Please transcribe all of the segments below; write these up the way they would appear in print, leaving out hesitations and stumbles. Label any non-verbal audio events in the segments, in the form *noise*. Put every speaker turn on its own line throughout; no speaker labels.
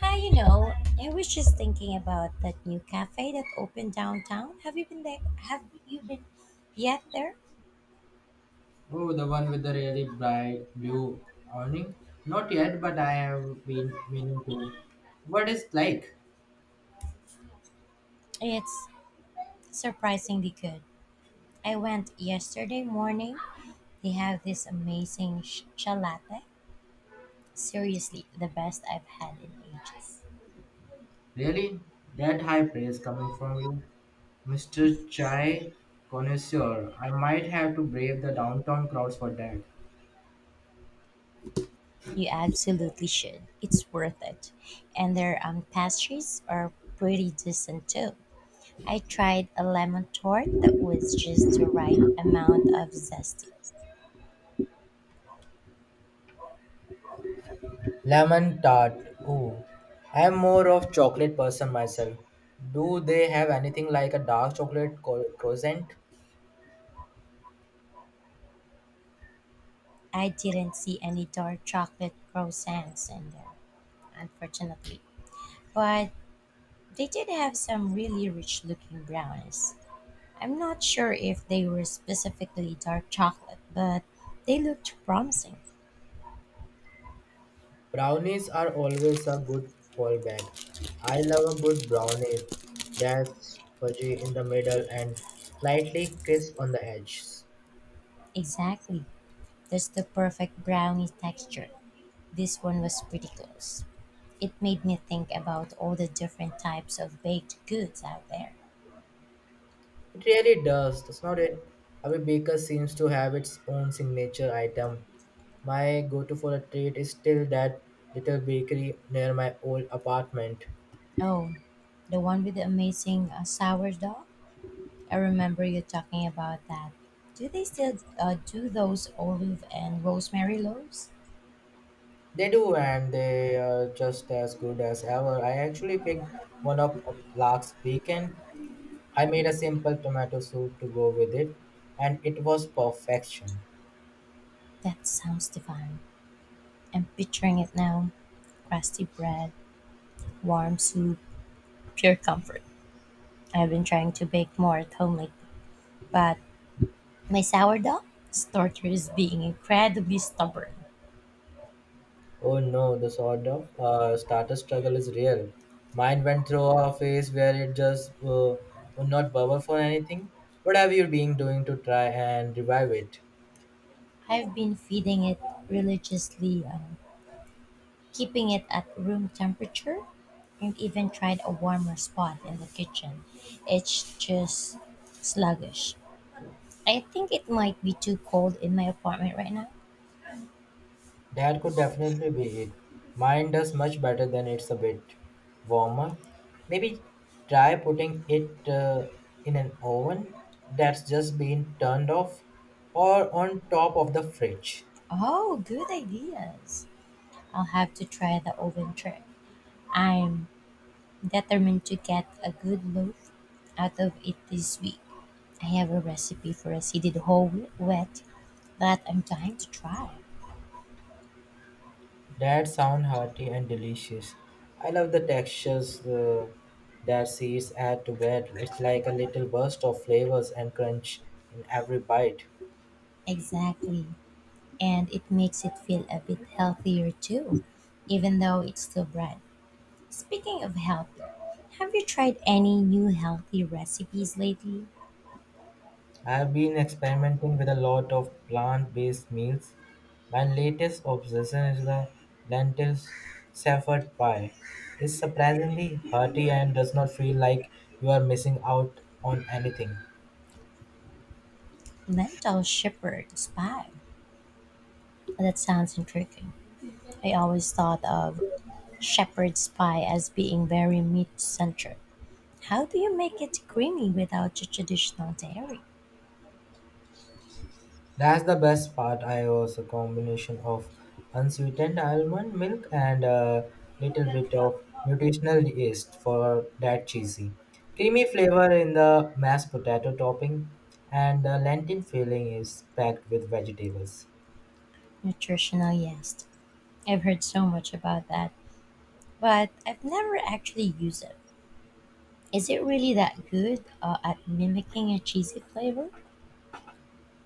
Hi, you know, I was just thinking about that new cafe that opened downtown. Have you been there? Have you been yet there?
Oh, the one with the really bright blue awning? Not yet, but I have been meaning to. What is like?
It's surprisingly good. I went yesterday morning. They have this amazing latte. Seriously, the best I've had in ages.
Really? That high praise coming from you? Mr. Chai Connoisseur, I might have to brave the downtown crowds for that.
You absolutely should. It's worth it. And their pastries are pretty decent too. I tried a lemon tart that was just the right amount of zesty.
Lemon tart. Ooh. I am more of chocolate person myself. Do they have anything like a dark chocolate croissant?
I didn't see any dark chocolate croissants in there, unfortunately. But they did have some really rich looking brownies. I'm not sure if they were specifically dark chocolate, but they looked promising.
Brownies are always a good fallback. I love a good brownies that's fudgy in the middle and slightly crisp on the edges.
Exactly. That's the perfect brownie texture. This one was pretty close. It made me think about all the different types of baked goods out there.
It really does not it? Every baker seems to have its own signature item. My go-to for a treat is still that little bakery near my old apartment.
Oh, the one with the amazing sourdough? I remember you talking about that. Do they still do those olive and rosemary loaves?
They do, and they are just as good as ever. I actually picked one up last weekend. I made a simple tomato soup to go with it, and it was perfection.
That sounds divine. I'm picturing it now. Crusty bread, warm soup, pure comfort. I've been trying to bake more at home lately, but my sourdough starter is being incredibly stubborn.
Oh no, the sort of starter struggle is real. Mine went through a phase where it just would not bubble for anything. What have you been doing to try and revive it?
I've been feeding it religiously, keeping it at room temperature and even tried a warmer spot in the kitchen. It's just sluggish. I think it might be too cold in my apartment right now.
That could definitely be it. Mine does much better than it's a bit warmer. Maybe try putting it in an oven that's just been turned off or on top of the fridge.
Oh, good ideas. I'll have to try the oven trick. I'm determined to get a good loaf out of it this week. I have a recipe for a seeded whole wheat that I'm dying to try.
That sound hearty and delicious. I love the textures that seeds add to bread. It's like a little burst of flavors and crunch in every bite.
Exactly. And it makes it feel a bit healthier too, even though it's still bread. Speaking of health, have you tried any new healthy recipes lately?
I have been experimenting with a lot of plant-based meals. My latest obsession is the lentil shepherd pie. It's surprisingly hearty and does not feel like you are missing out on anything.
Lentil shepherd's pie. That sounds intriguing. I always thought of shepherd's pie as being very meat centric. How do you make it creamy without your traditional dairy?
That's the best part. I was a combination of unsweetened almond milk and a little bit of nutritional yeast for that cheesy, creamy flavor in the mashed potato topping, and the lentil filling is packed with vegetables.
Nutritional yeast. I've heard so much about that, but I've never actually used it. Is it really that good at mimicking a cheesy flavor?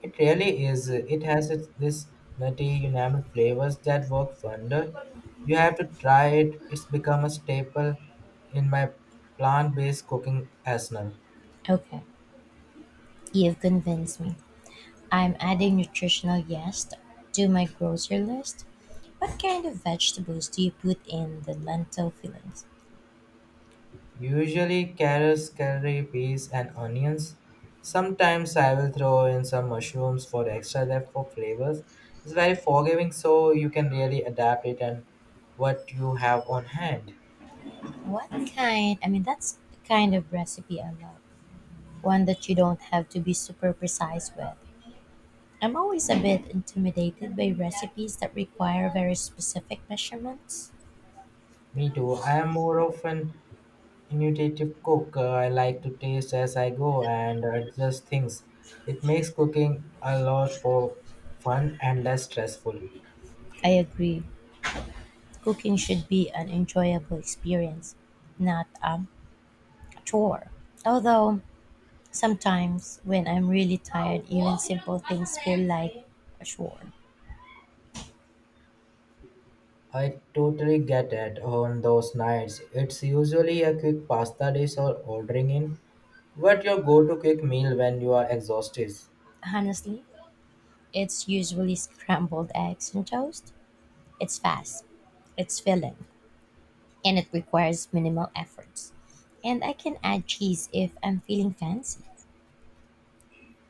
It really is. It has this nutty, umami flavors that work wonder. You have to try it. It's become a staple in my plant-based cooking arsenal.
Okay, you've convinced me. I'm adding nutritional yeast to my grocery list. What kind of vegetables do you put in the lentil fillings?
Usually carrots, curry peas, and onions. Sometimes I will throw in some mushrooms for extra depth for flavors. It's very forgiving, so you can really adapt it and what you have on hand.
What kind? I mean, that's the kind of recipe I love. One that you don't have to be super precise with. I'm always a bit intimidated by recipes that require very specific measurements.
Me too. I am more of an intuitive cook. I like to taste as I go and adjust things. It makes cooking a lot for fun and less stressful.
I agree. Cooking should be an enjoyable experience, not, a chore. Although sometimes when I'm really tired, even simple things feel like a chore.
I totally get it on those nights. It's usually a quick pasta dish or ordering in. But your go-to quick meal when you are exhausted?
Honestly, it's usually scrambled eggs and toast. It's fast, it's filling, and it requires minimal efforts. And I can add cheese if I'm feeling fancy.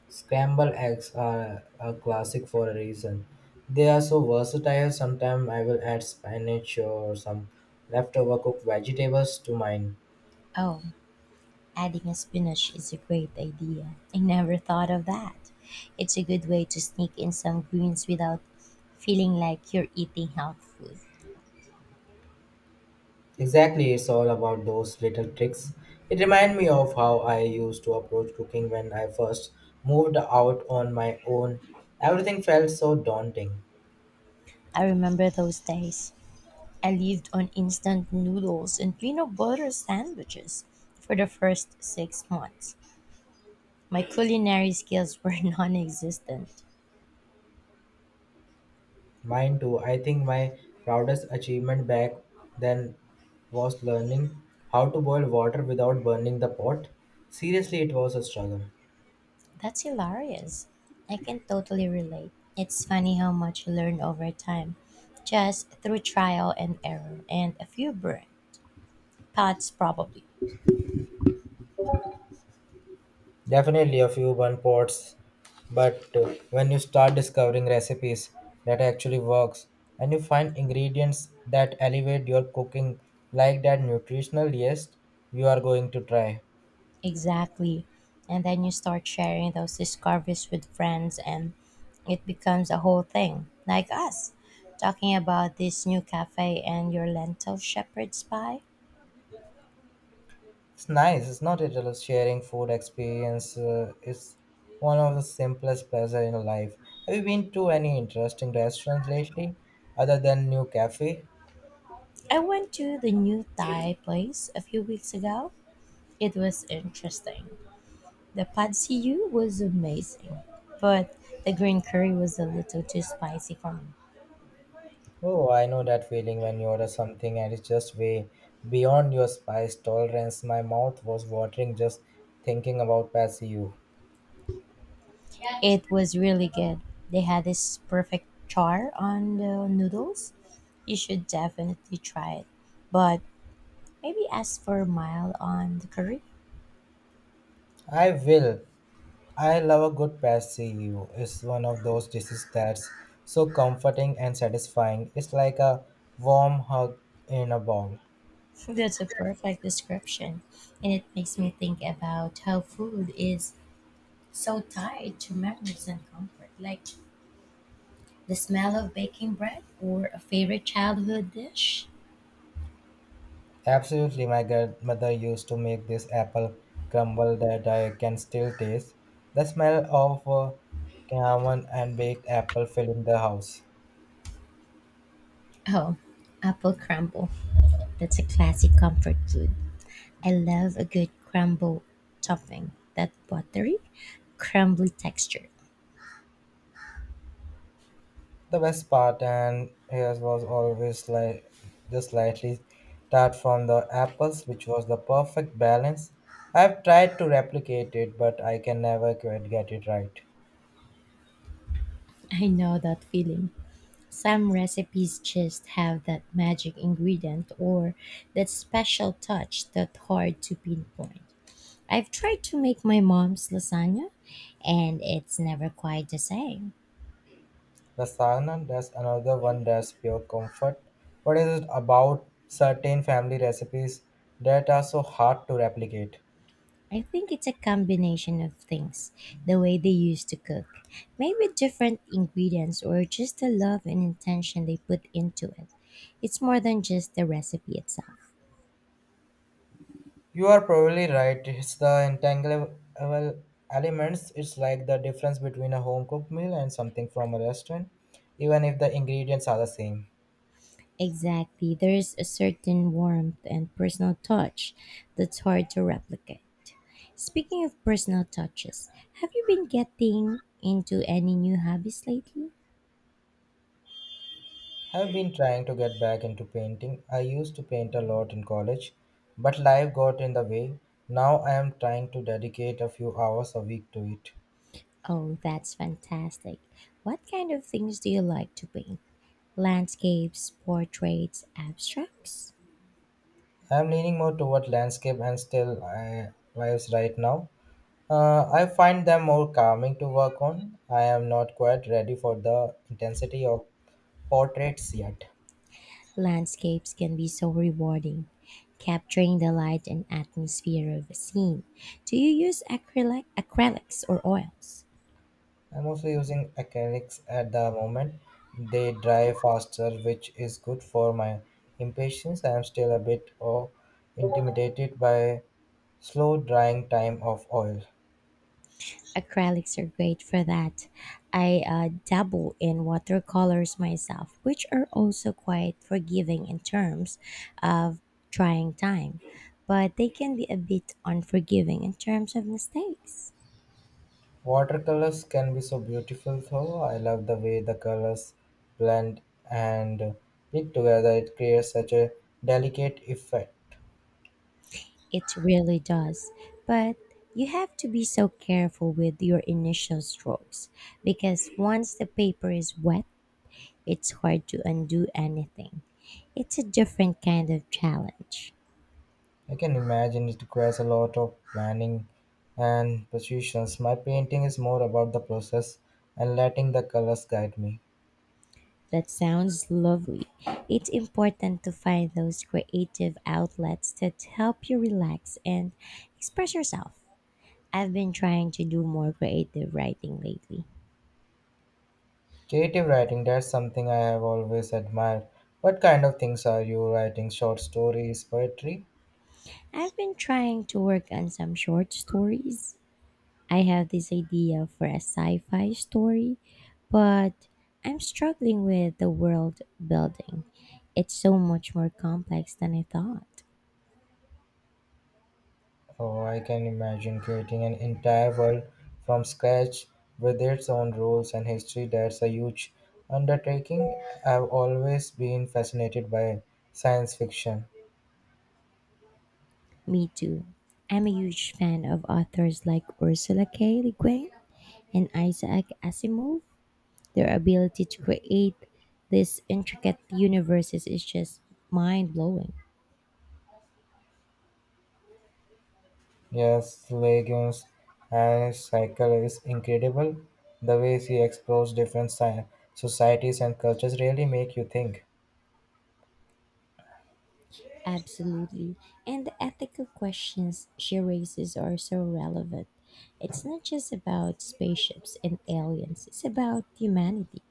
Scrambled eggs are a classic for a reason. They are so versatile. Sometimes I will add spinach or some leftover cooked vegetables to mine.
Oh, adding a spinach is a great idea. I never thought of that. It's a good way to sneak in some greens without feeling like you're eating health food.
Exactly, it's all about those little tricks. It reminds me of how I used to approach cooking when I first moved out on my own. Everything felt so daunting.
I remember those days. I lived on instant noodles and peanut butter sandwiches for the first 6 months. My culinary skills were *laughs* non existent.
Mine too. I think my proudest achievement back then was learning how to boil water without burning the pot. Seriously, it was a struggle.
That's hilarious. I can totally relate. It's funny how much you learn over time, just through trial and error and a few burns. Thoughts, probably.
Definitely a few burn pots, but when you start discovering recipes that actually works and you find ingredients that elevate your cooking like that nutritional yeast you are going to try.
Exactly. And then you start sharing those discoveries with friends, and it becomes a whole thing. Like us, talking about this new cafe and your lentil shepherd's pie.
It's nice, it's not it? Just sharing food experience is one of the simplest pleasure in life. Have you been to any interesting restaurants lately, other than new cafe?
I went to the new Thai place a few weeks ago. It was interesting. The pad see ew was amazing, but the green curry was a little too spicy for me.
Oh, I know that feeling when you order something and it's just way beyond your spice tolerance. My mouth was watering just thinking about pasillo.
It was really good. They had this perfect char on the noodles. You should definitely try it. But maybe ask for mild on the curry.
I will. I love a good pasillo. It's one of those dishes that's so comforting and satisfying. It's like a warm hug in a bowl.
*laughs* That's a perfect description. And it makes me think about how food is so tied to memories and comfort, like the smell of baking bread or a favorite childhood dish.
Absolutely, my grandmother used to make this apple crumble that I can still taste. The smell of cinnamon and baked apple filling the house.
Oh, apple crumble. That's a classic comfort food. I love a good crumble topping. That buttery, crumbly texture.
The best part and hers was always like just slightly tart from the apples, which was the perfect balance. I've tried to replicate it, but I can never quite get it right.
I know that feeling. Some recipes just have that magic ingredient or that special touch that's hard to pinpoint. I've tried to make my mom's lasagna and it's never quite the same.
The sauna, there's another one that's pure comfort. What is it about certain family recipes that are so hard to replicate?
I think it's a combination of things. The way they used to cook, maybe different ingredients or just the love and intention they put into it. It's more than just the recipe itself.
You are probably right. It's the entangleable elements. It's like the difference between a home cooked meal and something from a restaurant, even if the ingredients are the same.
Exactly. There's a certain warmth and personal touch that's hard to replicate. Speaking of personal touches, have you been getting into any new hobbies lately?
I've been trying to get back into painting. I used to paint a lot in college, but life got in the way. Now I am trying to dedicate a few hours a week to it.
Oh, that's fantastic. What kind of things do you like to paint? Landscapes, portraits, abstracts?
I'm leaning more toward landscape and still lives right now. I find them more calming to work on. I am not quite ready for the intensity of portraits yet.
Landscapes can be so rewarding, capturing the light and atmosphere of a scene. Do you use acrylics or oils?
I'm also using acrylics at the moment. They dry faster, which is good for my impatience. I am still a bit intimidated by slow drying time of oil.
Acrylics are great for that. I dabble in watercolors myself, which are also quite forgiving in terms of trying time, but they can be a bit unforgiving in terms of mistakes.
Watercolors can be so beautiful though. I love the way the colors blend and mix together. It creates such a delicate effect.
It really does. But you have to be so careful with your initial strokes because once the paper is wet, it's hard to undo anything. It's a different kind of challenge.
I can imagine it requires a lot of planning and precision. My painting is more about the process and letting the colors guide me.
That sounds lovely. It's important to find those creative outlets that help you relax and express yourself. I've been trying to do more creative writing lately.
Creative writing, that's something I have always admired. What kind of things are you writing? Short stories, poetry?
I've been trying to work on some short stories. I have this idea for a sci fi story, but I'm struggling with the world building. It's so much more complex than I thought.
Oh, I can imagine creating an entire world from scratch with its own rules and history. That's a huge undertaking. I've always been fascinated by science fiction.
Me too. I'm a huge fan of authors like Ursula K. Le Guin and Isaac Asimov. Their ability to create these intricate universes is just mind blowing.
Yes, Legends and his Cycle is incredible. The way he explores different societies and cultures really make you think.
Absolutely. And the ethical questions she raises are so relevant. It's not just about spaceships and aliens, it's about humanity.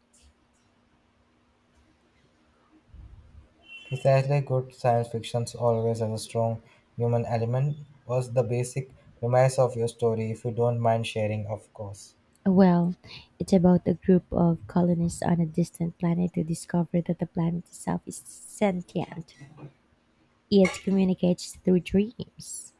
Precisely good science fiction always has a strong human element was the basic premise of your story if you don't mind sharing, of course.
Well, it's about a group of colonists on a distant planet who discover that the planet itself is sentient. It communicates through dreams.